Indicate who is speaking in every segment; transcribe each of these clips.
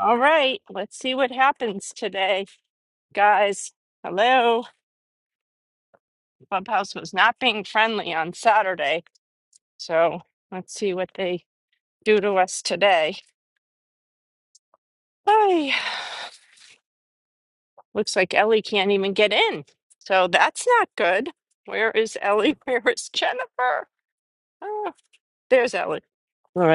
Speaker 1: All right, let's see what happens today, guys. Hello. Clubhouse was not being friendly on Saturday, so let's see what they do to us today. Ay, looks like Ellie can't even get in, so that's not good. Where is Ellie? Where is Jennifer? Oh, there's Ellie.
Speaker 2: Alrighty.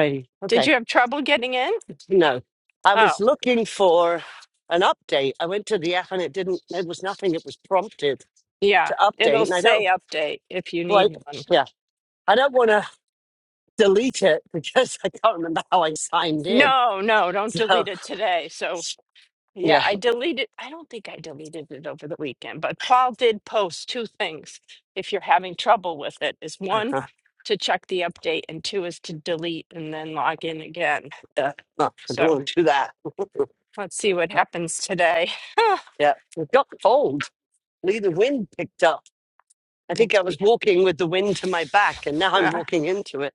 Speaker 1: Did
Speaker 2: Okay.
Speaker 1: you have trouble getting in?
Speaker 2: Good to know. I
Speaker 1: Oh,
Speaker 2: was looking for an update. I went to the app and it didn't, there was nothing. It was prompted
Speaker 1: yeah,
Speaker 2: to update.
Speaker 1: it'll
Speaker 2: And I don't
Speaker 1: say update if you
Speaker 2: like,
Speaker 1: need one.
Speaker 2: yeah, I don't want to delete it because I can't remember how I signed in.
Speaker 1: No, no, don't
Speaker 2: So,
Speaker 1: delete it today. So Yeah,
Speaker 2: yeah,
Speaker 1: I deleted, I don't think I deleted it over the weekend, but Paul did post two things if you're having trouble with it is one
Speaker 2: Uh-huh.
Speaker 1: to check the update and two is to delete and then log in again.
Speaker 2: yeah no, I don't
Speaker 1: So
Speaker 2: want to do that.
Speaker 1: let's see what happens today.
Speaker 2: Yeah, it got cold. Lee, the wind picked up. I
Speaker 1: Oh,
Speaker 2: think
Speaker 1: it's,
Speaker 2: I was
Speaker 1: be-
Speaker 2: walking with the wind to my back, and now I'm
Speaker 1: ah,
Speaker 2: walking into it.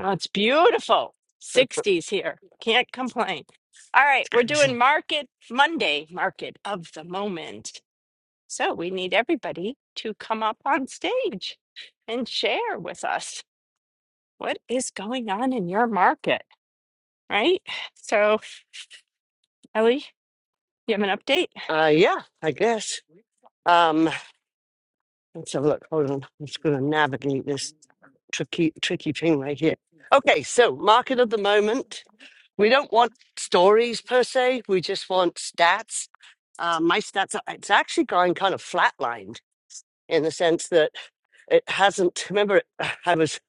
Speaker 1: oh, it's beautiful. 60s here. Can't complain. All right, we're
Speaker 2: Crazy.
Speaker 1: doing Market Monday, Market of the Moment. So we need everybody to come up on stage and share with us. what is going on in your market, right? So, Ellie, you have an update?
Speaker 2: Uh, yeah, I guess. Um. And so look, hold on. I'm just going to navigate this tricky, tricky thing right here. Okay, so market of the moment. We don't want stories per se. We just want stats. Uh, my stats are, it's actually going kind of flatlined in the sense that it hasn't. Remember, it, I was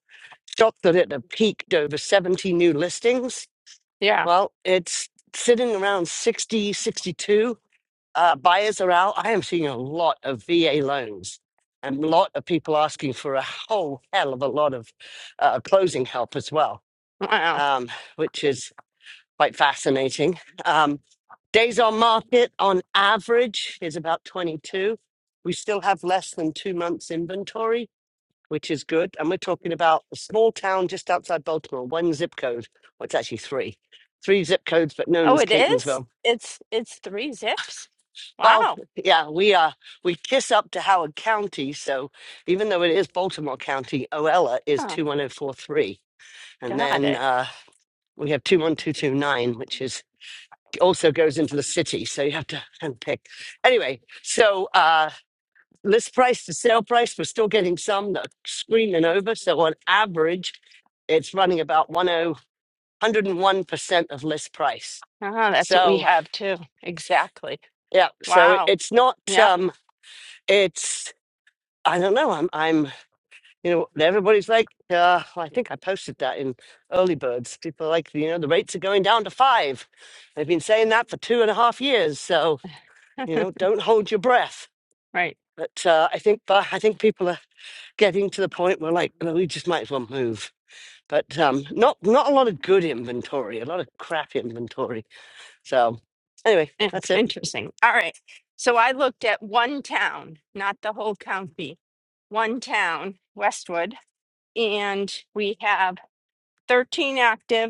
Speaker 2: shocked that it had peaked over 70 new listings.
Speaker 1: Yeah.
Speaker 2: Well, it's sitting around 60, 62 uh, buyers are out. I am seeing a lot of VA loans and a lot of people asking for a whole hell of a lot of uh, closing help as well,
Speaker 1: Wow.
Speaker 2: um, which is quite fascinating. Um, days on market on average is about 22. We still have less than two months inventory, which is good. And we're talking about a small town just outside Baltimore, one zip code. Well, it's actually three. Three zip codes, but known
Speaker 1: Oh,
Speaker 2: as
Speaker 1: it
Speaker 2: Catonsville.
Speaker 1: is? It's it's three zips?
Speaker 2: Well,
Speaker 1: Wow.
Speaker 2: yeah, we uh we kiss up to Howard County, so even though it is Baltimore County, Oella is
Speaker 1: Oh,
Speaker 2: two one oh four three. And
Speaker 1: got
Speaker 2: then
Speaker 1: it.
Speaker 2: uh we have two one two two nine, which is also goes into the city, so you have to handpick. Anyway, so uh list price to sale price, we're still getting some that are screaming over. So on average, it's running about one o one hundred and one percent of list price.
Speaker 1: Oh, that's what we
Speaker 2: So
Speaker 1: have too. Exactly.
Speaker 2: yeah, so it,
Speaker 1: Wow.
Speaker 2: it's not
Speaker 1: Yeah.
Speaker 2: um it's I don't know. I'm I'm you know, and everybody's like, uh, I think I posted that in early birds. People are like, you know, the rates are going down to five. They've been saying that for two and a half years. So, you know, don't hold your breath.
Speaker 1: Right.
Speaker 2: But uh, I think, but I think people are getting to the point where like, "No, we just might as well move. But um, not not a lot of good inventory, a lot of crap inventory. So anyway,
Speaker 1: In-
Speaker 2: that's it.
Speaker 1: Interesting. All right. So I looked at one town, not the whole county. One town, Westwood, and we have 13 active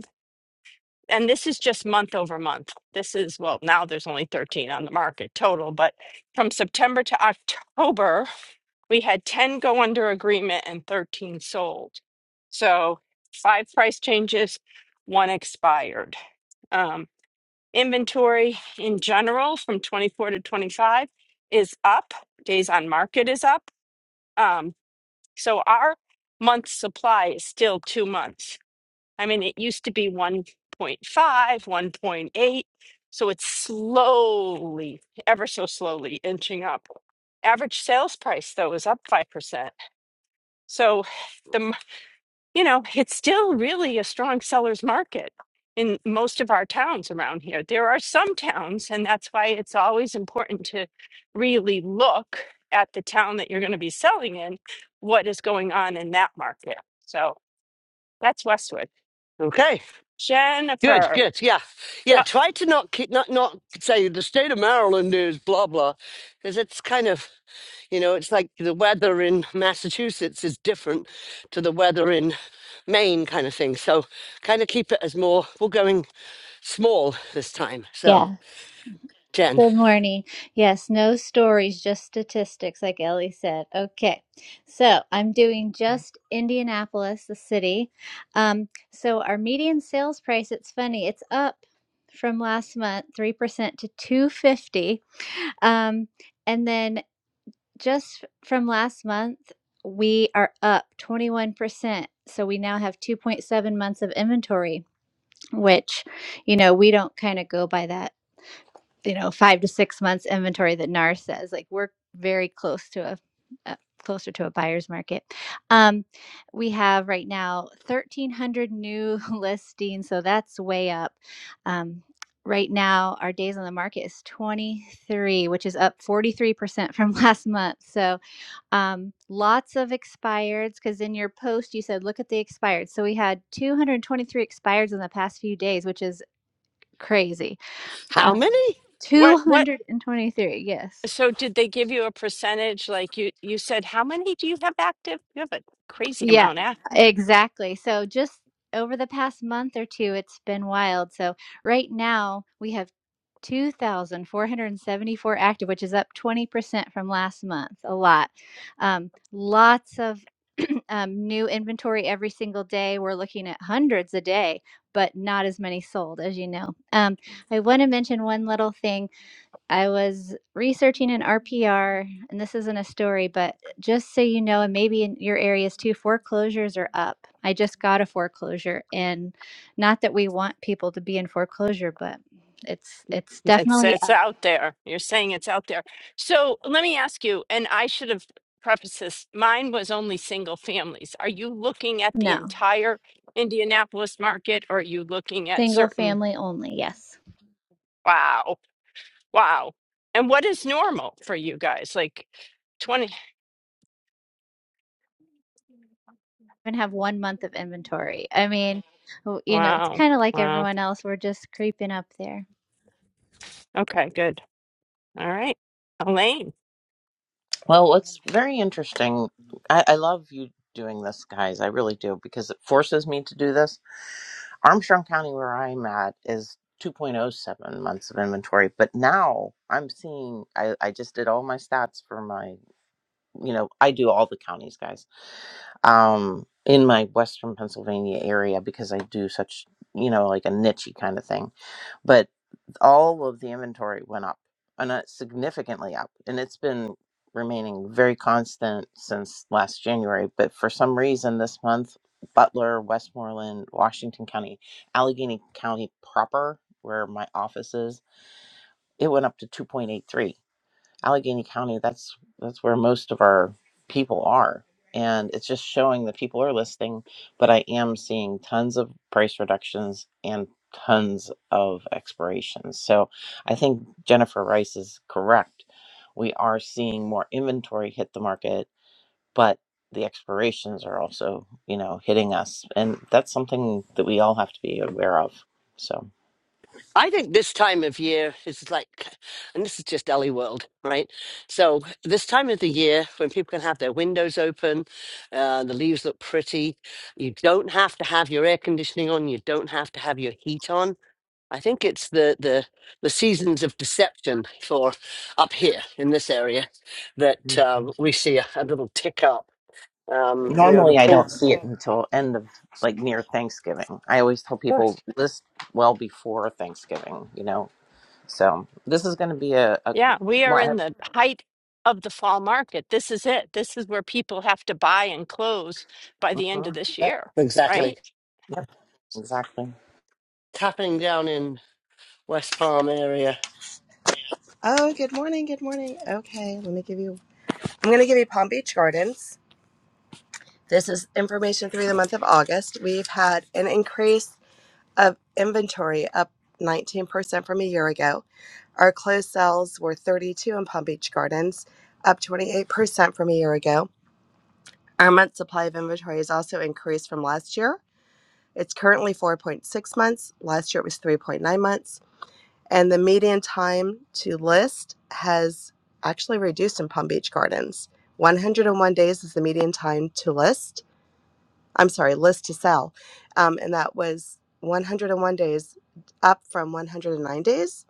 Speaker 1: and this is just month over month. This is, well, now there's only 13 on the market total, but from September to October, we had 10 go under agreement and 13 sold. So five price changes, one expired. Um, inventory in general from 24 to 25 is up, days on market is up. Um, so our month supply is still two months. I mean, it used to be one point five, one point eight, So it's slowly, ever so slowly inching up. Average sales price, though, is up 5%. So the, m- you know, it's still really a strong seller's market in most of our towns around here. There are some towns, and that's why it's always important to really look at the town that you're going to be selling in, what is going on in that market. So that's Westwood.
Speaker 2: Okay, good,
Speaker 1: Jennifer.
Speaker 2: good. Yeah, yeah. Try to not keep, not not say the state of Maryland is blah blah, because it's kind of You know, it's like the weather in Massachusetts is different to the weather in Maine, kind of thing. So, kind of keep it as more, we're going small this time. So,
Speaker 3: Yeah.
Speaker 2: Jen,
Speaker 3: Good morning. Yes, no stories, just statistics, like Ellie said. Okay. So I'm doing just Indianapolis, the city. Um, so our median sales price, it's funny, it's up from last month, 3% to 250. Um, and then just from last month, we are up 21%. So we now have 2.7 months of inventory, which, you know, we don't kind of go by that you know five to six months inventory that NAR says. Like we're very close to a, a closer to a buyer's market. Um, we have right now 1,300 new listings, so that's way up. Um, right now, our days on the market is 23, which is up 43% from last month. So um, lots of expireds because in your post you said look at the expired. So we had 223 expireds in the past few days, which is crazy
Speaker 2: how
Speaker 3: uh,
Speaker 2: many?
Speaker 1: What what
Speaker 3: 223, yes.
Speaker 1: so did they give you a percentage like you you said how many do you have active? You have a crazy
Speaker 3: Yeah,
Speaker 1: amount active.
Speaker 3: exactly. So just over the past month or two, it's been wild. So right now we have 2,474 active, which is up 20% from last month. A lot. Um, lots of um, new inventory every single day. We're looking at hundreds a day, but not as many sold, as you know. Um, I want to mention one little thing. I was researching an RPR, and this isn't a story, but just so you know, and maybe in your areas too, foreclosures are up. I just got a foreclosure, and not that we want people to be in foreclosure, but it's it's
Speaker 1: It's
Speaker 3: definitely
Speaker 1: it's
Speaker 3: up.
Speaker 1: out there. You're saying it's out there. So let me ask you, and I should have prefaced this. Mine was only single families. Are you looking at the
Speaker 3: No,
Speaker 1: entire Indianapolis market or are you looking at
Speaker 3: single
Speaker 1: certain
Speaker 3: family only. Yes,
Speaker 1: wow, wow. And what is normal for you guys? Like 20
Speaker 3: and have one month of inventory. I mean, w- you know, it's
Speaker 1: wow,
Speaker 3: kind of like
Speaker 1: wow.
Speaker 3: everyone else. We're just creeping up there.
Speaker 1: Okay, good. All right. Elaine.
Speaker 4: Well, it's very interesting. I, I love you doing this, guys. I really do because it forces me to do this. Armstrong County, where I'm at, is 2.07 months of inventory, but now I'm seeing. I, I just did all my stats for my. You know, I do all the counties, guys. Um, in my Western Pennsylvania area because I do such. You know, like a nichey kind of thing but all of the inventory went up and uh, significantly up and it's been remaining very constant since last january but for some reason this month butler westmoreland washington county allegheny county proper where my office is it went up to 2.83 Allegheny County, that's that's where most of our people are. And it's just showing that people are listing, but I am seeing tons of price reductions and tons of expirations. So I think Jennifer Rice is correct. We are seeing more inventory hit the market, but the expirations are also, you know, hitting us. And that's something that we all have to be aware of. So
Speaker 2: I think this time of year is like, and this is just Ellie World, right? So, this time of the year when people can have their windows open, uh, the leaves look pretty, you don't have to have your air conditioning on, you don't have to have your heat on I think it's the the the seasons of deception for up here in this area that um, we see a, a little tick up. Um, you know, the
Speaker 4: Normally, I
Speaker 2: pool.
Speaker 4: don't see it until end of like near Thanksgiving. I always tell people
Speaker 2: Yeah,
Speaker 4: list well before Thanksgiving, you know. So this is going to be a, a
Speaker 1: Yeah, we are
Speaker 4: well, I
Speaker 1: in
Speaker 4: have,
Speaker 1: the height of the fall market. This is it. This is where people have to buy and close by the end of
Speaker 4: mhm.
Speaker 1: this year,
Speaker 4: yep,
Speaker 2: exactly.
Speaker 1: right?
Speaker 4: yep, exactly.
Speaker 2: It's happening down in West Palm area.
Speaker 5: Oh, good morning. Good morning. Okay, let me give you. I'm going to give you Palm Beach Gardens. This is information through the month of August. We've had an increase of inventory up 19% from a year ago. Our closed sales were 32 in Palm Beach Gardens, up 28% from a year ago. Our month supply of inventory has also increased from last year. It's currently 4.6 months. Last year it was 3.9 months. And the median time to list has actually reduced in Palm Beach Gardens. 101 days is the median time to list. I'm sorry, list to sell. Um, and that was 101 days up from 109 days.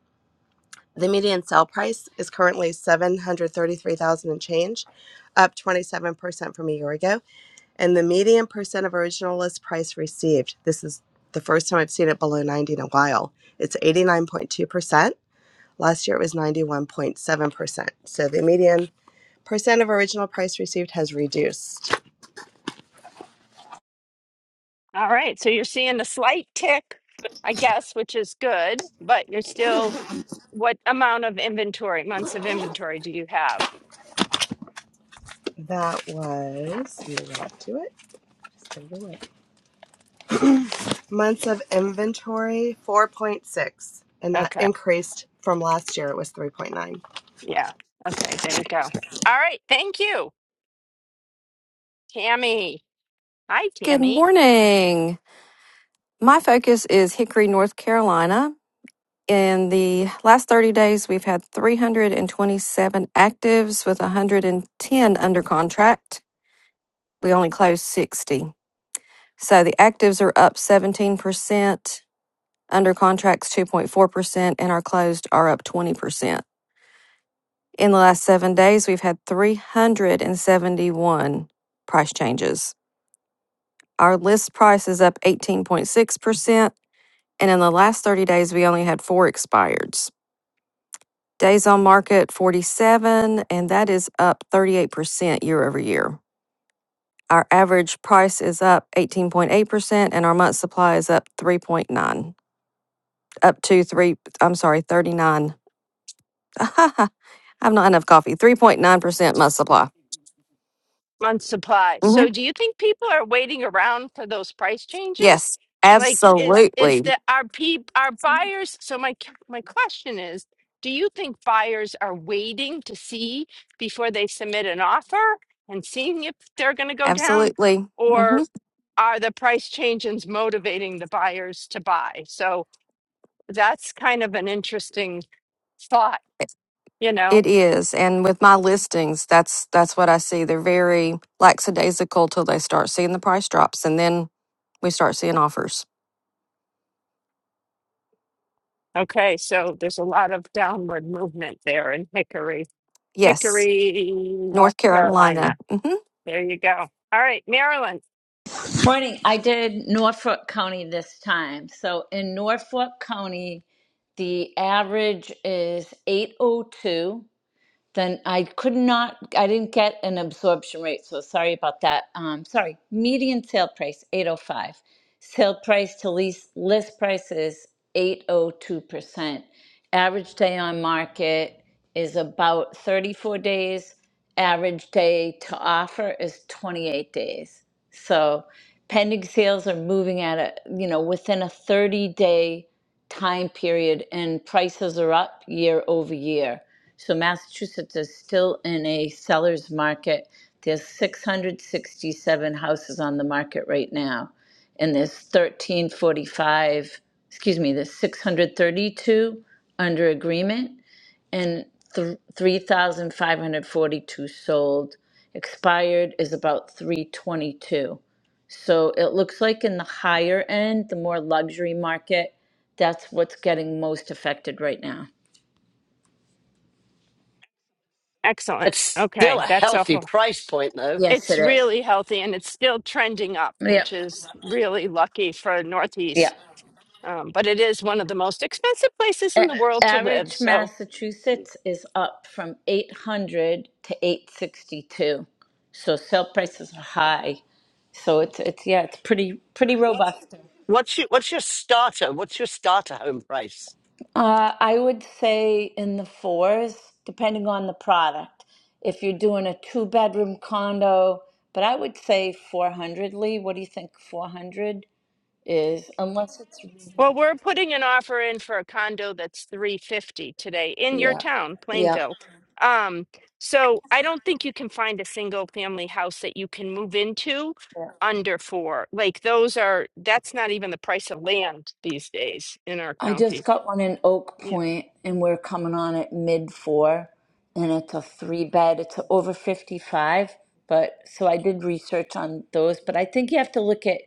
Speaker 5: The median sale price is currently 733,000 and change, up 27% from a year ago. And the median percent of original list price received, this is the first time I've seen it below 90 in a while. It's 89.2% Last year it was 91.7%. So the median percent of original price received has reduced.
Speaker 1: All right. So you're seeing a slight tick, I guess, which is good, but you're still, what amount of inventory, months of inventory do you have?
Speaker 5: That was, let me get to it. Just a minute. Months of inventory, 4.6. And that
Speaker 1: Okay.
Speaker 5: increased from last year, it was 3.9.
Speaker 1: Yeah. Okay. There you go. All right. Thank you, Tammy. Hi,
Speaker 6: Good
Speaker 1: Tammy.
Speaker 6: morning. My focus is Hickory, North Carolina. In the last 30 days, we've had 327 actives with 110 under contract. We only closed 60. So the actives are up 17%, under contracts 2.4%, and our closed are up 20%. In the last seven days, we've had 371 price changes. Our list price is up 18.6%. And in the last 30 days, we only had four expireds. Days on market 47, and that is up 38% year over year. Our average price is up 18.8%, and our month supply is up 3.9, up to three, I'm sorry, 39. I have not enough coffee. 3.9% month supply.
Speaker 1: month supply.
Speaker 6: hmm
Speaker 1: So do you think people are waiting around for those price changes?
Speaker 6: Yes,
Speaker 1: Like is is
Speaker 6: absolutely.
Speaker 1: the are peop are buyers so my c- my question is, do you think buyers are waiting to see before they submit an offer and seeing if they're going to go down
Speaker 6: Absolutely. Mm-hmm.
Speaker 1: or are the price changes motivating the buyers to buy? So that's kind of an interesting thought, you
Speaker 6: It
Speaker 1: know.
Speaker 6: is, and with my listings, that's that's what I see. They're very lackadaisical till they start seeing the price drops, and then we start seeing offers.
Speaker 1: Okay, so there's a lot of downward movement there in Hickory.
Speaker 6: Yes,
Speaker 1: Hickory, North
Speaker 6: North Carolina.
Speaker 1: Carolina.
Speaker 6: Mm-hmm.
Speaker 1: There you go. All right, Maryland.
Speaker 7: Morning. I did Norfolk County this time. So in Norfolk County, the average is 802. Then I could not, I didn't get an absorption rate, so sorry about that. Um, sorry, median sale price, 805. Sale price to lease, list price is 802%. Average day on market is about 34 days. Average day to offer is 28 days. So pending sales are moving at a, you know, within a 30 day time period and prices are up year over year so Massachusetts is still in a seller's market. There's 667 houses on the market right now, and there's 1345, excuse me, there's 632 under agreement and th- 3,542 sold. Expired is about 322. So it looks like in the higher end, the more luxury market, that's what's getting most affected right now.
Speaker 1: Excellent.
Speaker 2: It's still
Speaker 1: Okay,
Speaker 2: a
Speaker 1: that's a
Speaker 2: healthy
Speaker 1: whole.
Speaker 2: price point though.
Speaker 7: Yes,
Speaker 1: It's
Speaker 7: it is.
Speaker 1: really healthy and it's still trending up,
Speaker 7: Yep.
Speaker 1: which is really lucky for
Speaker 7: Yeah.
Speaker 1: Northeast. Um, but it is one of the most expensive places in
Speaker 7: A-
Speaker 1: the world to live.
Speaker 7: average
Speaker 1: So,
Speaker 7: Massachusetts is up from 800 to 862. So sale prices are high. So it's it's yeah, it's pretty pretty robust.
Speaker 2: What's your what's your starter? What's your starter home price?
Speaker 7: Uh, I would say in the fours, depending on the product. If you're doing a two bedroom condo, but I would say 400, Lee. What do you think 400 is? Unless it's
Speaker 1: Well,
Speaker 7: rehab.
Speaker 1: we're putting an offer in for a condo that's 350 today in your
Speaker 7: Yeah.
Speaker 1: town, Plainville.
Speaker 7: Yeah.
Speaker 1: Um, so I don't think you can find a single family house that you can move into under four. Like those are that's not even the price of land these days in our
Speaker 7: I
Speaker 1: county.
Speaker 7: just got one in Oak
Speaker 1: Yeah.
Speaker 7: Point, and we're coming on at mid four, and it's a three bed. It's over 55, but so I did research on those. But I think you have to look at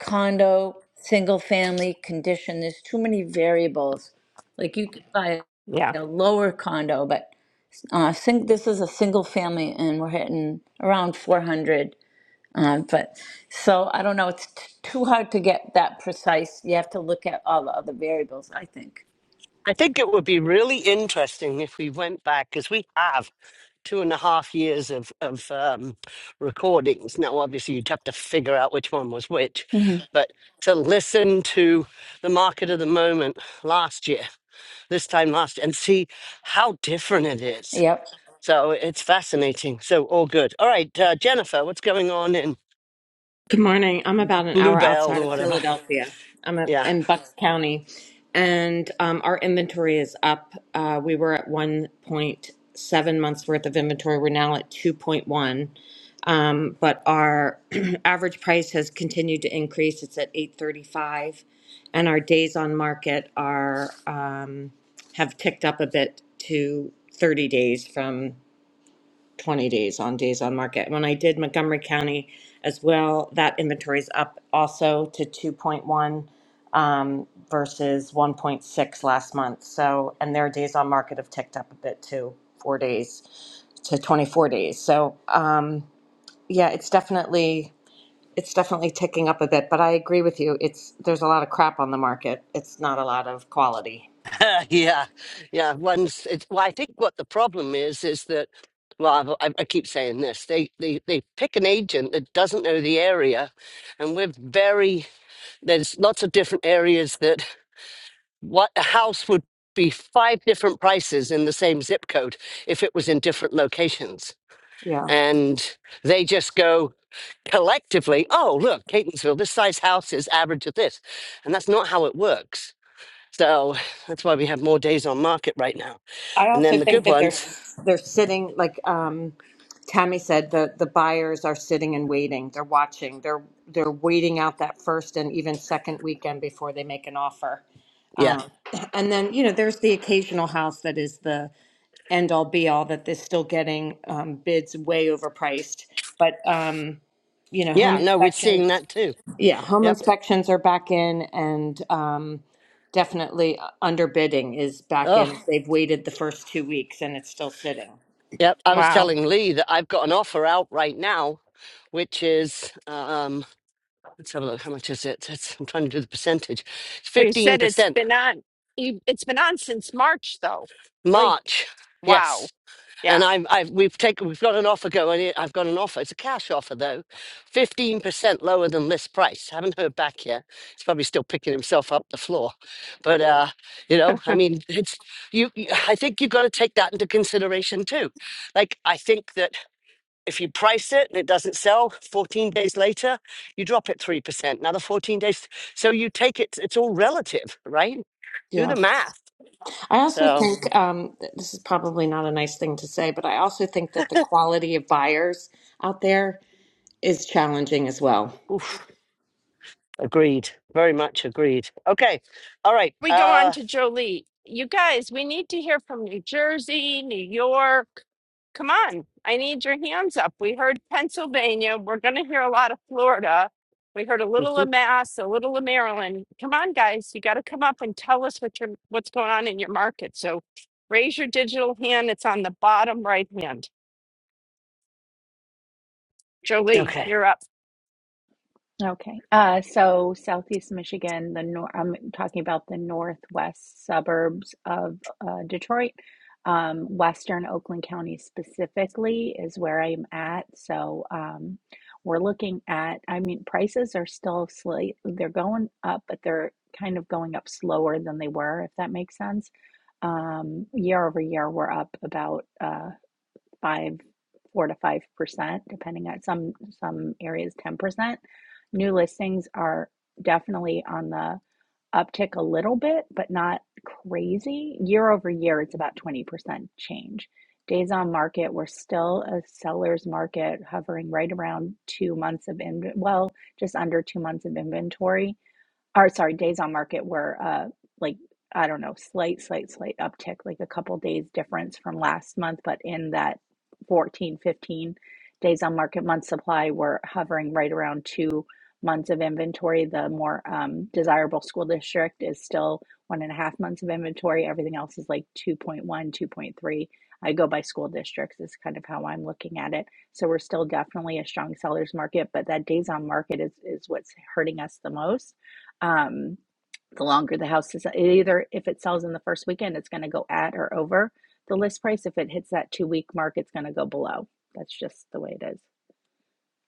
Speaker 7: condo, single family, condition. There's too many variables. Like you could buy
Speaker 1: Yeah.
Speaker 7: a lower condo, but uh, sing, this is a single family, and we're hitting around 400. Um, but so I don't know. It's t- too hard to get that precise. You have to look at all the other variables, I think.
Speaker 2: I think it would be really interesting if we went back because we have two and a half years of of um, recordings. Now, obviously, you'd have to figure out which one was which,
Speaker 7: hmm
Speaker 2: but to listen to the market of the moment last year, this time last, and see how different it is.
Speaker 7: Yep.
Speaker 2: So it's fascinating. So all good. All right, uh, Jennifer, what's going on in
Speaker 8: Good morning. I'm about an hour
Speaker 2: Bluebell
Speaker 8: outside
Speaker 2: or
Speaker 8: of
Speaker 2: whatever?
Speaker 8: Philadelphia. I'm at,
Speaker 2: Yeah.
Speaker 8: in Bucks County, and um, our inventory is up. Uh, we were at 1.7 months worth of inventory. We're now at 2.1, um, but our average price has continued to increase. It's at 8.35, and our days on market are um, have ticked up a bit to 30 days from 20 days on days on market. When I did Montgomery County as well, that inventory is up also to 2.1 um, versus 1.6 last month. So, and their days on market have ticked up a bit too, four days to 24 days. So, um, yeah, it's definitely it's definitely ticking up a bit. But I agree with you. It's there's a lot of crap on the market. It's not a lot of quality.
Speaker 2: Uh, yeah, yeah. Once, it's, well, I think what the problem is is that, well, I, I keep saying this. They, they they pick an agent that doesn't know the area, and we're very there's lots of different areas that what a house would be five different prices in the same zip code if it was in different locations,
Speaker 8: Yeah.
Speaker 2: and they just go collectively. Oh, look, Catonsville, this size house is average of this, and that's not how it works. So that's why we have more days on market right now
Speaker 8: I
Speaker 2: and
Speaker 8: also
Speaker 2: then the
Speaker 8: think
Speaker 2: good
Speaker 8: that they're
Speaker 2: ones,
Speaker 8: they're sitting like um, Tammy said. The the buyers are sitting and waiting. They're watching. They're they're waiting out that first and even second weekend before they make an offer.
Speaker 2: yeah.
Speaker 8: Um, and then you know there's the occasional house that is the end all be all that is still getting um, bids way overpriced. But um, you know
Speaker 2: Yeah,
Speaker 8: home
Speaker 2: no, we're
Speaker 8: inspections
Speaker 2: seeing that too.
Speaker 8: yeah, home
Speaker 2: Yep.
Speaker 8: inspections are back in and um, definitely uh, underbidding is back
Speaker 2: Oh,
Speaker 8: in. They've waited the first two weeks and it's still sitting.
Speaker 2: yep. I was
Speaker 1: Wow.
Speaker 2: telling Lee that I've got an offer out right now, which is, um, let's have a look. How much is it? It's, I'm trying to do the percentage. It's
Speaker 1: Well, you said it's
Speaker 2: 15%
Speaker 1: been on you it's been on since March though. Like
Speaker 2: March.
Speaker 1: wow.
Speaker 2: Yes.
Speaker 1: Yeah.
Speaker 2: And I'm, I've, we've taken, we've got an offer going. in- I've got an offer. It's a cash offer though, fifteen percent lower than list price. Haven't heard back yet. He's probably still picking himself up the floor, but uh, you know, I mean, it's you. you- I think you've got to take that into consideration too. Like, I think that if you price it and it doesn't sell, fourteen days later, you drop it three percent. Another fourteen days, so you take it. It's all relative, right? Do
Speaker 8: Yeah.
Speaker 2: the math.
Speaker 8: I also
Speaker 2: So.
Speaker 8: think um, th- this is probably not a nice thing to say, but I also think that the quality of buyers out there is challenging as well.
Speaker 2: oof. Agreed. Very much agreed. Okay. All right.
Speaker 1: we go on
Speaker 2: Uh
Speaker 1: to Jolie. You guys, we need to hear from New Jersey, New York. Come on, I need your hands up. We heard Pennsylvania. We're going to hear a lot of Florida. We heard a little of
Speaker 2: mhm.
Speaker 1: Mass, a little of Maryland. Come on, guys, you got to come up and tell us what your what's going on in your market. So raise your digital hand. It's on the bottom right hand. Jolie,
Speaker 2: okay.
Speaker 1: you're up.
Speaker 9: Okay. Uh, so Southeast Michigan, the nor I'm talking about the northwest suburbs of uh, Detroit. Um, Western Oakland County specifically is where I'm at. So um, we're looking at, I mean, prices are still slight, they're going up, but they're kind of going up slower than they were, if that makes sense. Um, year over year, we're up about uh, five, four to five percent, depending on some some areas, ten percent. New listings are definitely on the uptick a little bit, but not crazy. Year over year, it's about twenty percent change. Days on market, we're still a seller's market, hovering right around two months of in well, just under two months of inventory or sorry, days on market were uh like I don't know, slight, slight, slight uptick, like a couple days difference from last month, but in that 14 15 days on market month supply, were hovering right around two months of inventory. The more um, desirable school district is still one and a half months of inventory. Everything else is like two point one two point three I go by school districts, is kind of how I'm looking at it. So we're still definitely a strong seller's market, but that days on market is, is what's hurting us the most um, the longer the house is either if it sells in the first weekend it's going to go at or over the list price if it hits that two week mark it's going to go below that's just the way it is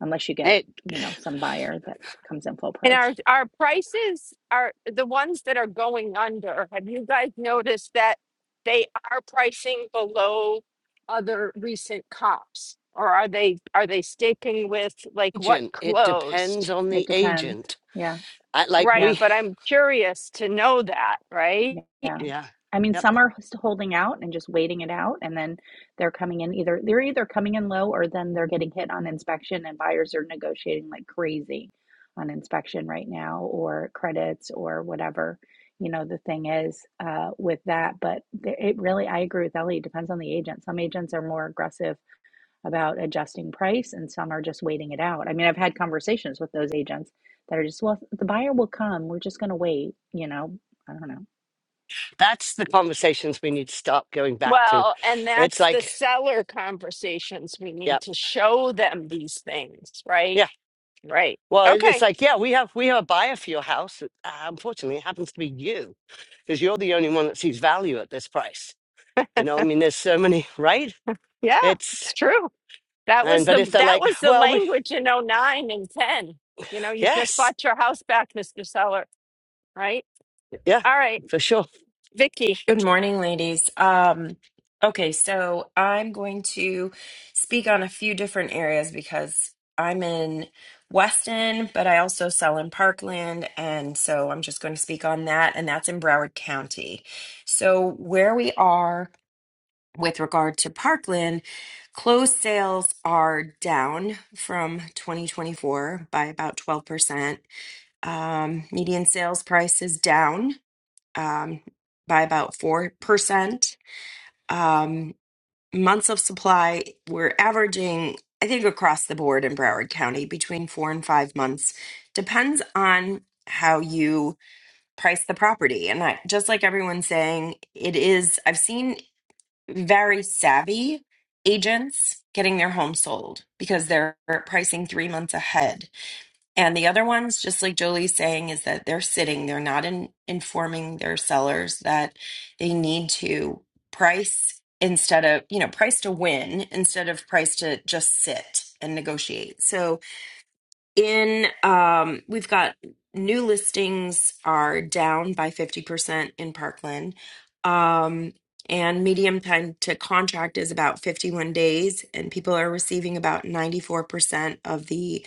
Speaker 9: unless you get
Speaker 2: Hey,
Speaker 9: you know some buyer that comes in full
Speaker 1: And
Speaker 9: price
Speaker 1: our our prices are the ones that are going under. Have you guys noticed that they are pricing below other recent comps? Or are they are they sticking with like what
Speaker 2: agent. It depends
Speaker 1: closed?
Speaker 2: on
Speaker 9: it
Speaker 2: the
Speaker 9: depends
Speaker 2: agent.
Speaker 9: yeah
Speaker 2: I, like
Speaker 9: yeah
Speaker 1: Right,
Speaker 2: we
Speaker 1: but I'm curious to know that, right?
Speaker 9: Yeah.
Speaker 2: yeah.
Speaker 9: I mean,
Speaker 2: Yep.
Speaker 9: some are just holding out and just waiting it out, and then they're coming in either they're either coming in low or then they're getting hit on inspection, and buyers are negotiating like crazy on inspection right now or credits or whatever, you know, the thing is uh, with that. But th- it really, I agree with Ellie, it depends on the agent. Some agents are more aggressive about adjusting price, and some are just waiting it out. I mean, I've had conversations with those agents that are just, well, the buyer will come, we're just going to wait, you know, I don't know.
Speaker 2: That's the conversations we need to stop going back to.
Speaker 1: Well, and
Speaker 2: It's
Speaker 1: that's the
Speaker 2: like,
Speaker 1: seller conversations. We need
Speaker 2: yep.
Speaker 1: to show them these things, right?
Speaker 2: Yeah.
Speaker 1: Right.
Speaker 2: Well, it- it's
Speaker 1: Okay.
Speaker 2: like, yeah, we have we have a buyer for your house. Uh, unfortunately, it happens to be you because you're the only one that sees value at this price. You know, I mean, there's so many, right?
Speaker 1: Yeah, it's
Speaker 2: It's
Speaker 1: true. That
Speaker 2: and
Speaker 1: was the
Speaker 2: but if they're
Speaker 1: that
Speaker 2: like,
Speaker 1: was the
Speaker 2: well, we
Speaker 1: language in oh nine and 10. You know, you just
Speaker 2: yes,
Speaker 1: bought your house back, Mr. Seller, right?
Speaker 2: yeah,
Speaker 1: All right,
Speaker 2: for sure.
Speaker 1: Vicky,
Speaker 10: Good morning, ladies. Um, okay, so I'm going to speak on a few different areas because I'm in Weston, but I also sell in Parkland. And so I'm just going to speak on that, and that's in Broward County. So, where we are with regard to Parkland, closed sales are down from 2024 by about 12%. Um, median sales price is down um, by about 4%. Um, months of supply, we're averaging, I think, across the board in Broward County between four and five months. Depends on how you price the property. And I, just like everyone's saying, it is, I've seen very savvy agents getting their home sold because they're pricing three months ahead and the other ones, just like Jolie's saying, is that they're sitting, they're not in, informing their sellers that they need to price instead of, you know, price to win instead of price to just sit and negotiate. So in, um, we've got new listings are down by 50% in Parkland. Um, and medium time to contract is about 51 days, and people are receiving about 94% of the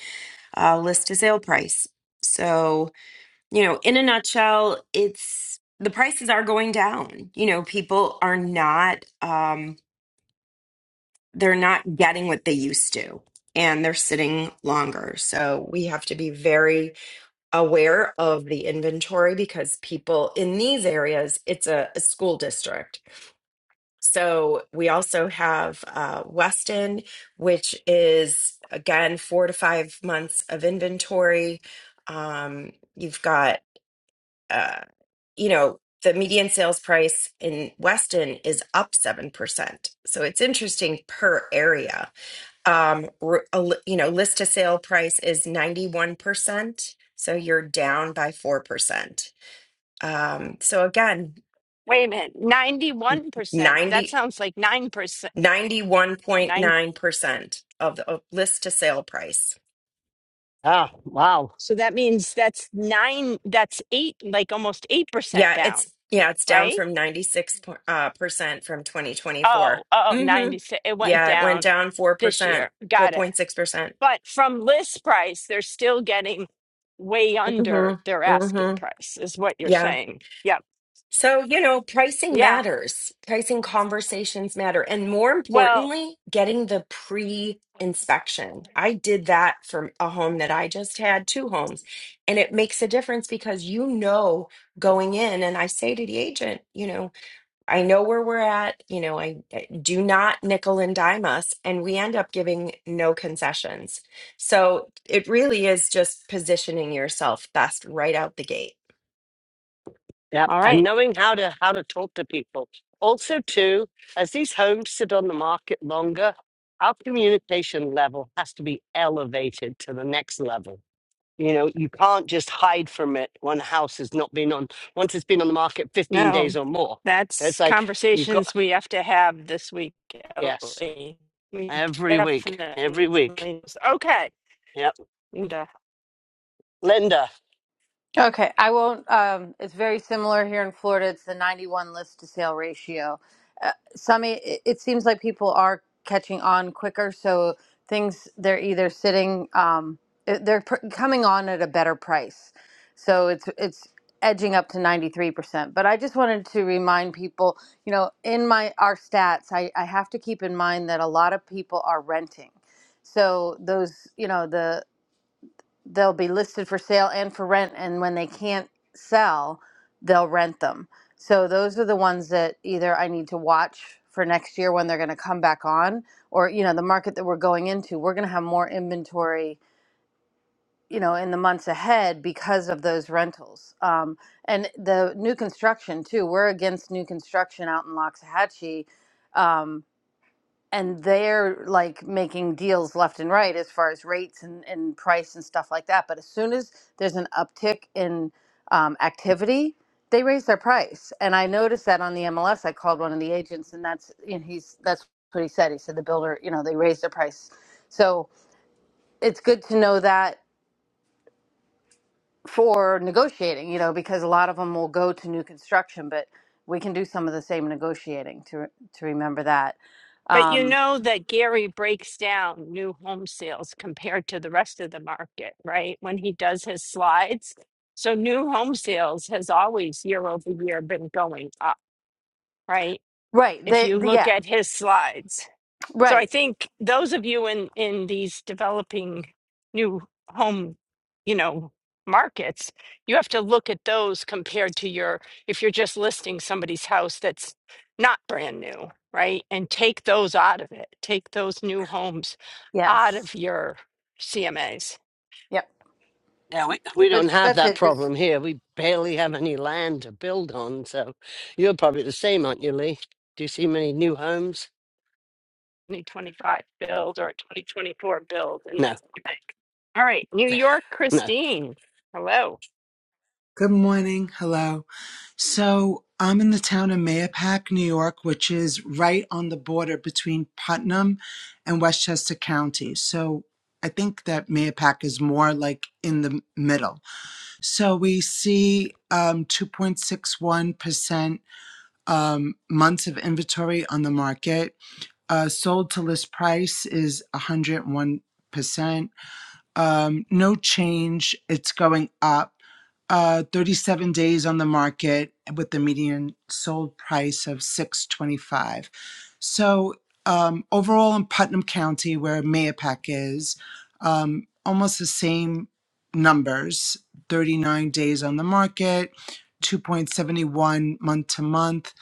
Speaker 10: uh, list to sale price. So, you know, in a nutshell, it's the prices are going down. You know, people are not, um, they're not getting what they used to and they're sitting longer. So we have to be very aware of the inventory because people in these areas, it's a, a school district. So we also have uh, Weston, which is again four to five months of inventory. Um, you've got, uh, you know, the median sales price in Weston is up 7%. So it's interesting per area. Um, r- a li- you know, list to sale price is 91%. So you're down by 4%. Um, so again,
Speaker 1: wait a minute. 91%. That
Speaker 10: 90.
Speaker 1: sounds like 9%. 9
Speaker 10: 91.9% of the of list to sale price.
Speaker 2: Ah, wow.
Speaker 1: So that means that's 9 that's 8 like almost 8%
Speaker 10: Yeah,
Speaker 1: down,
Speaker 10: it's yeah, it's down
Speaker 1: right?
Speaker 10: from 96 po- uh, percent from
Speaker 1: Oh,
Speaker 10: 2024.
Speaker 1: oh,
Speaker 10: Mhm.
Speaker 1: ninety-six. it went
Speaker 10: Yeah, it went
Speaker 1: down
Speaker 10: down
Speaker 1: this
Speaker 10: 4%,
Speaker 1: year. Got it.
Speaker 10: 4.6%.
Speaker 1: But from list price, they're still getting way under
Speaker 10: Mhm.
Speaker 1: their asking
Speaker 10: Mhm.
Speaker 1: price is what you're
Speaker 10: Yeah.
Speaker 1: saying. Yep.
Speaker 10: So, you know, pricing
Speaker 1: Yeah.
Speaker 10: matters. Pricing conversations matter. And more
Speaker 1: Well,
Speaker 10: importantly, getting the pre inspection. I did that for a home that I just had, two homes. And it makes a difference because you know going in, and I say to the agent, you know, I know where we're at. You know, I I do not nickel and dime us, and we end up giving no concessions. So it really is just positioning yourself best right out the gate.
Speaker 2: Yep.
Speaker 1: All
Speaker 2: And
Speaker 1: right.
Speaker 2: knowing how to how to talk to people. Also, too, as these homes sit on the market longer, our communication level has to be elevated to the next level. You know, you can't just hide from it when a house has not been on once it's been on the market 15 days
Speaker 1: No,
Speaker 2: or more. It's
Speaker 1: that's
Speaker 2: like you've got
Speaker 1: conversations we have to have this week.
Speaker 2: yes,
Speaker 1: Ellie. We
Speaker 2: every week,
Speaker 1: definitely
Speaker 2: every week.
Speaker 1: okay.
Speaker 2: Yep.
Speaker 1: And, uh,
Speaker 2: Linda.
Speaker 11: Okay, I won't. Um, it's very similar here in Florida. It's the 91 list to sale ratio. Uh, some, e, it, it seems like people are catching on quicker. So things, they're either sitting, um, it- they're pr- coming on at a better price. So it's, it's, edging up to 93% but i just wanted to remind people you know in my our stats I, I have to keep in mind that a lot of people are renting so those you know the they'll be listed for sale and for rent and when they can't sell they'll rent them so those are the ones that either i need to watch for next year when they're going to come back on or you know the market that we're going into we're going to have more inventory you know in the months ahead because of those rentals um, and the new construction too we're against new construction out in loxahatchee Um, and they're like making deals left and right as far as rates and, and price and stuff like that. But as soon as there's an uptick in um, activity, they raise their price. And I noticed that on the MLS. I called one of the agents, and that's and he's that's what he said. He said the builder, you know, they raised their price. So it's good to know that for negotiating, you know, because a lot of them will go to new construction, but we can do some of the same negotiating to to remember that.
Speaker 1: But you
Speaker 11: Um,
Speaker 1: know that Gary breaks down new home sales compared to the rest of the market, right? When he does his slides. So new home sales has always year over year been going up, right?
Speaker 11: right.
Speaker 1: If
Speaker 11: They,
Speaker 1: you
Speaker 11: the,
Speaker 1: look
Speaker 11: yeah.
Speaker 1: at his slides. So
Speaker 11: Right.
Speaker 1: I think those of you in in these developing new home, you know, markets, you have to look at those compared to your if you're just listing somebody's house that's not brand new, right? And take those out of it. Take those new homes out
Speaker 11: Yes.
Speaker 1: of your CMAs.
Speaker 11: Yep.
Speaker 2: Yeah, we, we
Speaker 11: But
Speaker 2: don't have
Speaker 11: that's
Speaker 2: that
Speaker 11: it. Just
Speaker 2: problem here. We barely have any land to build on. So you're probably the same, aren't you, Lee? Do you see many new homes?
Speaker 1: 2025 build or 2024 build and like
Speaker 2: No,
Speaker 1: okay. all right new york
Speaker 2: no.
Speaker 1: christine hello
Speaker 12: Good morning. Hello. So I'm in the town of Mayapack, New York, which is right on the border between Putnam and Westchester County. So I think that Mayapack is more like in the middle. So we see um, 2.61% um, months of inventory on the market. Uh, sold to list price is 101% um, no change. It's going up. Uh, 37 days on the market with the median sold price of 625. So um, overall in Putnam County, where Mayapack is, um, almost the same numbers. 39 days on the market, 2.71 month to month,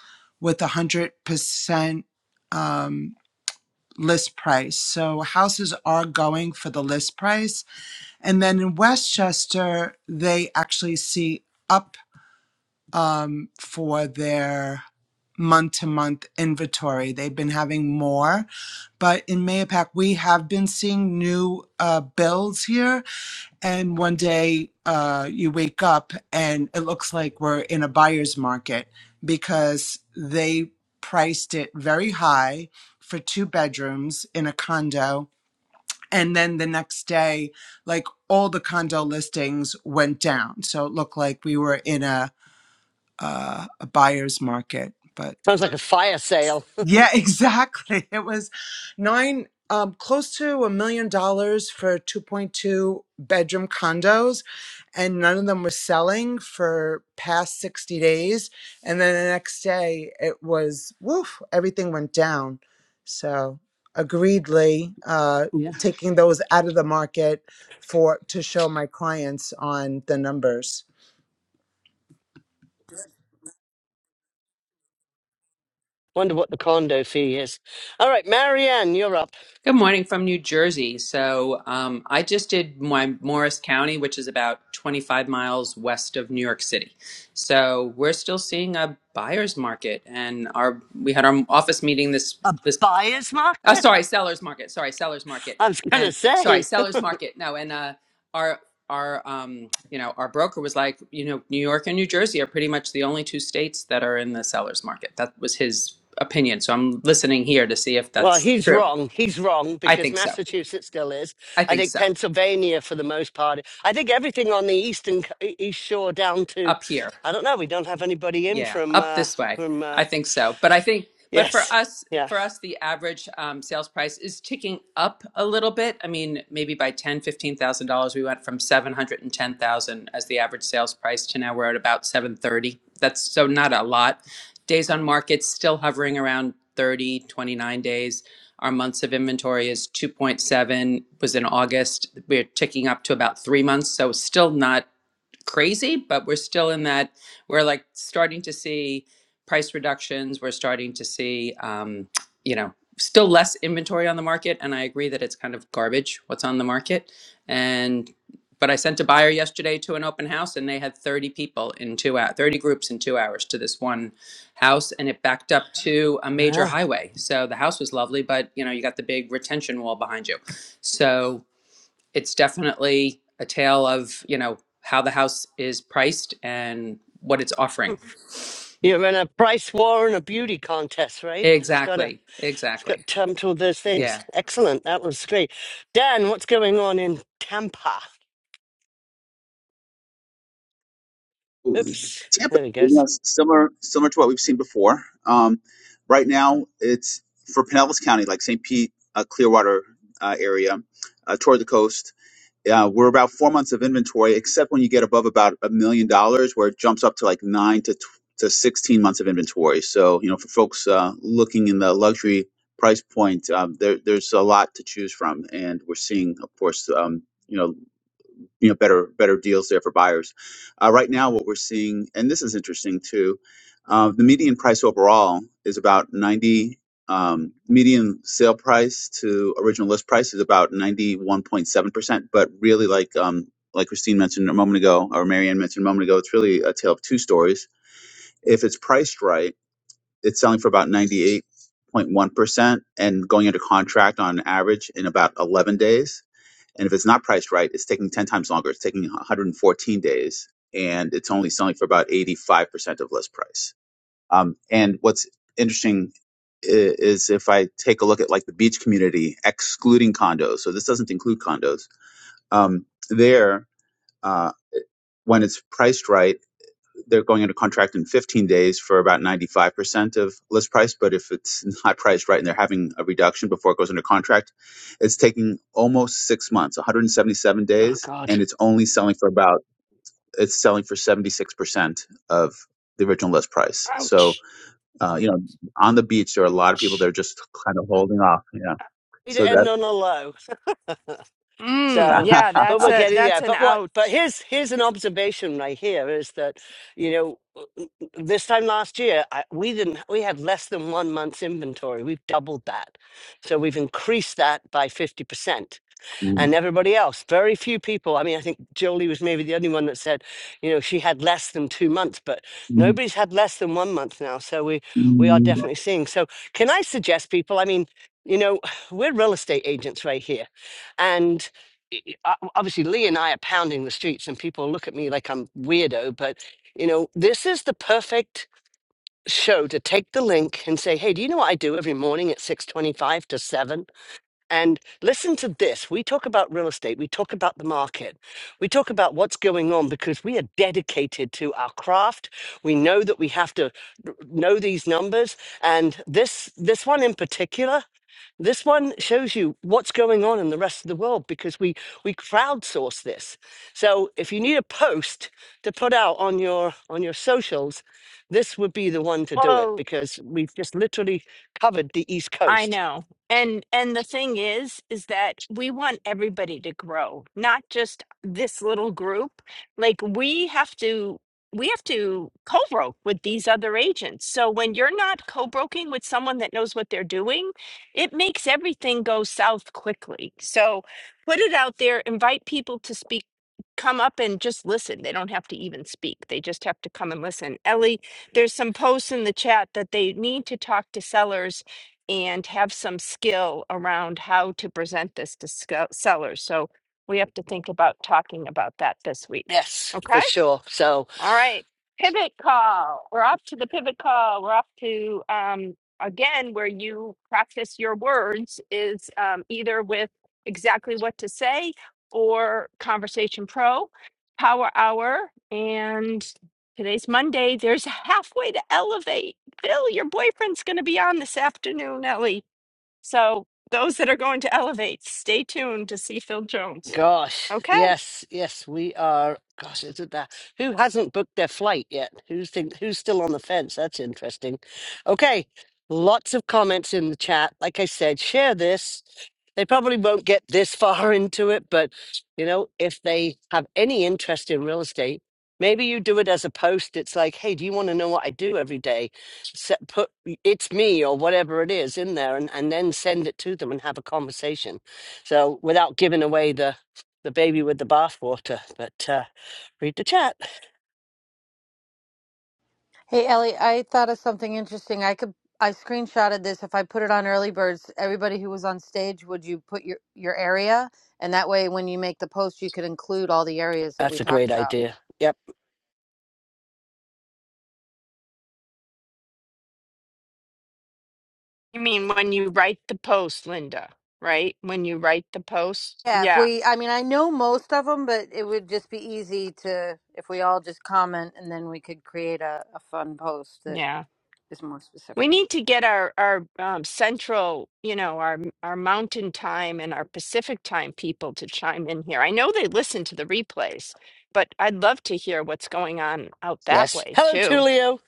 Speaker 12: with 100% um, list price. So houses are going for the list price and then in Westchester, they actually see up um, for their month to month inventory. They've been having more, but in Mayapack, we have been seeing new uh, bills here. And one day uh, you wake up and it looks like we're in a buyer's market because they priced it very high for two bedrooms in a condo and then the next day, like all the condo listings went down. So it looked like we were in a uh, a buyer's market. But
Speaker 2: Sounds like a fire sale.
Speaker 12: yeah, exactly. It was nine, um, close to a million dollars for 2.2 bedroom condos, and none of them were selling for past 60 days. And then the next day, it was woof, everything went down. So, agreedly, uh,
Speaker 2: Yeah.
Speaker 12: taking those out of the market for to show my clients on the numbers.
Speaker 2: Wonder what the condo fee is. All right, Marianne, you're up.
Speaker 13: Good morning from New Jersey. So um, I just did my Morris County, which is about 25 miles west of New York City. So we're still seeing a buyer's market, and our we had our office meeting this
Speaker 2: A
Speaker 13: this.
Speaker 2: buyer's
Speaker 13: Oh,
Speaker 2: market?
Speaker 13: sorry, sellers market. Sorry, sellers market,
Speaker 2: I was going to
Speaker 13: and sorry,
Speaker 2: say.
Speaker 13: sellers market. No, and uh, our our um, you know our broker was like, you know, New York and New Jersey are pretty much the only two states that are in the sellers market. That was his opinion. So I'm listening here to see if
Speaker 2: Well,
Speaker 13: that's
Speaker 2: he's
Speaker 13: true.
Speaker 2: wrong. He's wrong
Speaker 13: I
Speaker 2: because
Speaker 13: think so.
Speaker 2: Massachusetts still is.
Speaker 13: I
Speaker 2: I
Speaker 13: think
Speaker 2: think
Speaker 13: so.
Speaker 2: Pennsylvania, for the most part, I think everything on the eastern co- e- east shore down to,
Speaker 13: Up here.
Speaker 2: I don't know. We don't have anybody in
Speaker 13: Yeah,
Speaker 2: from
Speaker 13: up
Speaker 2: uh,
Speaker 13: this way.
Speaker 2: from. uh,
Speaker 13: I think so. But I think but for
Speaker 2: Yes.
Speaker 13: us
Speaker 2: Yeah.
Speaker 13: for us the average um, sales price is ticking up a little bit. I mean, maybe by ten, fifteen thousand dollars we went from 710,000 as the average sales price to now we're at about 730. That's so not a lot. Days on market still hovering around 30, 29 days. Our months of inventory is 2.7 was in August. We're ticking up to about 3 months, so still not crazy, but we're still in that. We're like starting to see price reductions. We're starting to see, um, you know, still less inventory on the market. And I agree that it's kind of garbage what's on the market. And but I sent a buyer yesterday to an open house, and they had 30 people in two hours, 30 groups in two hours to this one house, and it backed up to a major
Speaker 2: Yeah.
Speaker 13: highway. So the house was lovely, but you know, you got the big retention wall behind you. So it's definitely a tale of you know how the house is priced and what it's offering
Speaker 2: You're in a price war and a beauty contest, right? It's got a,
Speaker 13: exactly
Speaker 2: it's
Speaker 13: exactly
Speaker 2: got to come to those
Speaker 13: Yeah.
Speaker 2: things. Excellent. That was great. Dan, what's going on in Tampa? Oops.
Speaker 14: Tampa,
Speaker 2: There he
Speaker 14: you
Speaker 2: goes.
Speaker 14: know, similar similar to what we've seen before. Um, right now, it's for Pinellas County, like St. Pete, uh, Clearwater uh, area, uh, toward the coast. Uh, we're about four months of inventory, except when you get above about a million dollars, where it jumps up to like nine to tw- to sixteen months of inventory. So, you know, for folks uh, looking in the luxury price point, um, there, there's a lot to choose from, and we're seeing, of course, um, you know you know better better deals there for buyers. Uh, right now, what we're seeing, and this is interesting too, uh, the median price overall is about ninety. Um, median sale price to original list price is about ninety one point seven percent, but really like um, like Christine mentioned a moment ago, or Marianne mentioned a moment ago, it's really a tale of two stories. If it's priced right it's selling for about 98.1% and going under contract on average in about 11 days. And if it's not priced right, it's taking 10 times longer. It's taking 114 days and it's only selling for about 85% of list price. Um, and what's interesting i- is if I take a look at like the beach community, excluding condos, so this doesn't include condos, um, there, uh, when it's priced right, they're going into contract in 15 days for about 95% of list price. But if it's not priced right and they're having a reduction before it goes under contract, it's taking almost six months, 177
Speaker 2: Oh
Speaker 14: days,
Speaker 2: God.
Speaker 14: and it's only selling for about it's selling for 76% of the original list price. So,
Speaker 1: ouch
Speaker 14: uh, you know, on the beach, there are a lot of people that are just kind of holding off. Yeah.
Speaker 2: need
Speaker 14: So
Speaker 2: to end on a low.
Speaker 1: Mmm.
Speaker 2: So,
Speaker 14: that.
Speaker 1: yeah,
Speaker 2: but
Speaker 1: that's
Speaker 2: we're
Speaker 1: a
Speaker 2: getting
Speaker 1: that's
Speaker 2: there.
Speaker 1: an
Speaker 2: But what?
Speaker 1: ouch.
Speaker 2: But here's here's an observation right here is that, you know, uh, uh, this time last year I, we didn't we had less than one month's inventory. We've doubled that, so we've increased that by fifty percent and everybody else. Very few people. I mean, I think Jolie was maybe the only one that said, you know, she had less than two months, but nobody's had less than one month now. So we we are definitely seeing. So can I suggest people? I mean, you know, we're real estate agents right here, and. i- i- o- Obviously, Lee and I are pounding the streets, and people look at me like I'm weirdo. But you know, this is the perfect show to take the link and say, "Hey, do you know what I do every morning at six twenty-five to 7? And listen to this. We talk about real estate. We talk about the market. We talk about what's going on because we are dedicated to our craft. We know that we have to r- know these numbers. And this, this one in particular, this one shows you what's going on in the rest of the world because we, we crowdsource this. So if you need a post to put out on your, on your socials, this would be the one to do it
Speaker 1: Oh,
Speaker 2: because we've just literally covered the East
Speaker 1: I
Speaker 2: Coast.
Speaker 1: know. And and the thing is is that we want everybody to grow, not just this little group. Like we have to we have to co-broke with these other agents. So when you're not co-broking with someone that knows what they're doing, it makes everything go south quickly. So put it out there, invite people to speak come up and just listen. They don't have to even speak. They just have to come and listen. Ellie, there's some posts in the chat that they need to talk to sellers and have some skill around how to present this to sco- sellers. So we have to think about talking about that this week.
Speaker 2: Yes,
Speaker 1: Okay.
Speaker 2: for sure. So,
Speaker 1: All right. Pivot call. We're off to the pivot call. We're off to, um, again, where you practice your words is um, either with exactly what to say or Conversation Pro, Power Hour. And today's Monday. There's halfway to elevate. Bill, your boyfriend's going to be on this afternoon, Ellie. So those that are going to elevate, stay tuned to see Phil Jones.
Speaker 2: Gosh,
Speaker 1: Okay.
Speaker 2: yes, yes, we are. Gosh, is it that? Who hasn't booked their flight yet? Who's think, who's still on the fence? That's interesting. Okay, lots of comments in the chat. Like I said, share this. They probably won't get this far into it, but you know, if they have any interest in real estate, maybe you do it as a post. It's like, hey, do you want to know what I do every day? Set, put it's me or whatever it is in there, and, and then send it to them and have a conversation. So without giving away the the baby with the bathwater. But uh, read the chat.
Speaker 11: Hey Ellie, I thought of something interesting. I could I screenshotted this. If I put it on early birds, everybody who was on stage, would you put your your area? And that way when you make the post, you could include all the areas that we
Speaker 2: That's a
Speaker 11: talked
Speaker 2: great
Speaker 11: about.
Speaker 2: idea. Yep.
Speaker 1: You mean when you write the post, Linda, right? When you write the post?
Speaker 11: Yeah, if
Speaker 1: Yeah.
Speaker 11: we I mean, I know most of them, but it would just be easy to if we all just comment and then we could create a, a fun post that
Speaker 1: Yeah.
Speaker 11: is more specific.
Speaker 1: We need to get our our um, central, you know, our our mountain time and our Pacific time people to chime in here. I know they listen to the replays, but I'd love to hear what's going on out that
Speaker 2: Yes.
Speaker 1: way
Speaker 2: Hello,
Speaker 1: too.
Speaker 2: Tulio.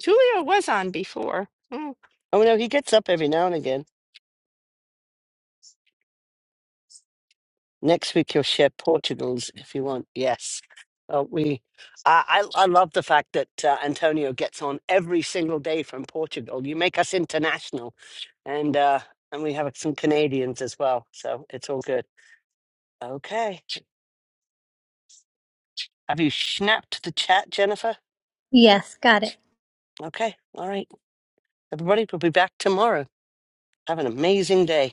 Speaker 1: Tulio was on before.
Speaker 2: Oh no, he gets up every now and again. Next week you'll share Portugal's if you want. Yes. Uh, we, I, I, I love the fact that uh, Antonio gets on every single day from Portugal. You make us international, and uh, and we have some Canadians as well, so it's all good. Okay. Have you snapped the chat, Jennifer?
Speaker 3: Yes, got it.
Speaker 2: Okay. All right. Everybody, we'll be back tomorrow. Have an amazing day.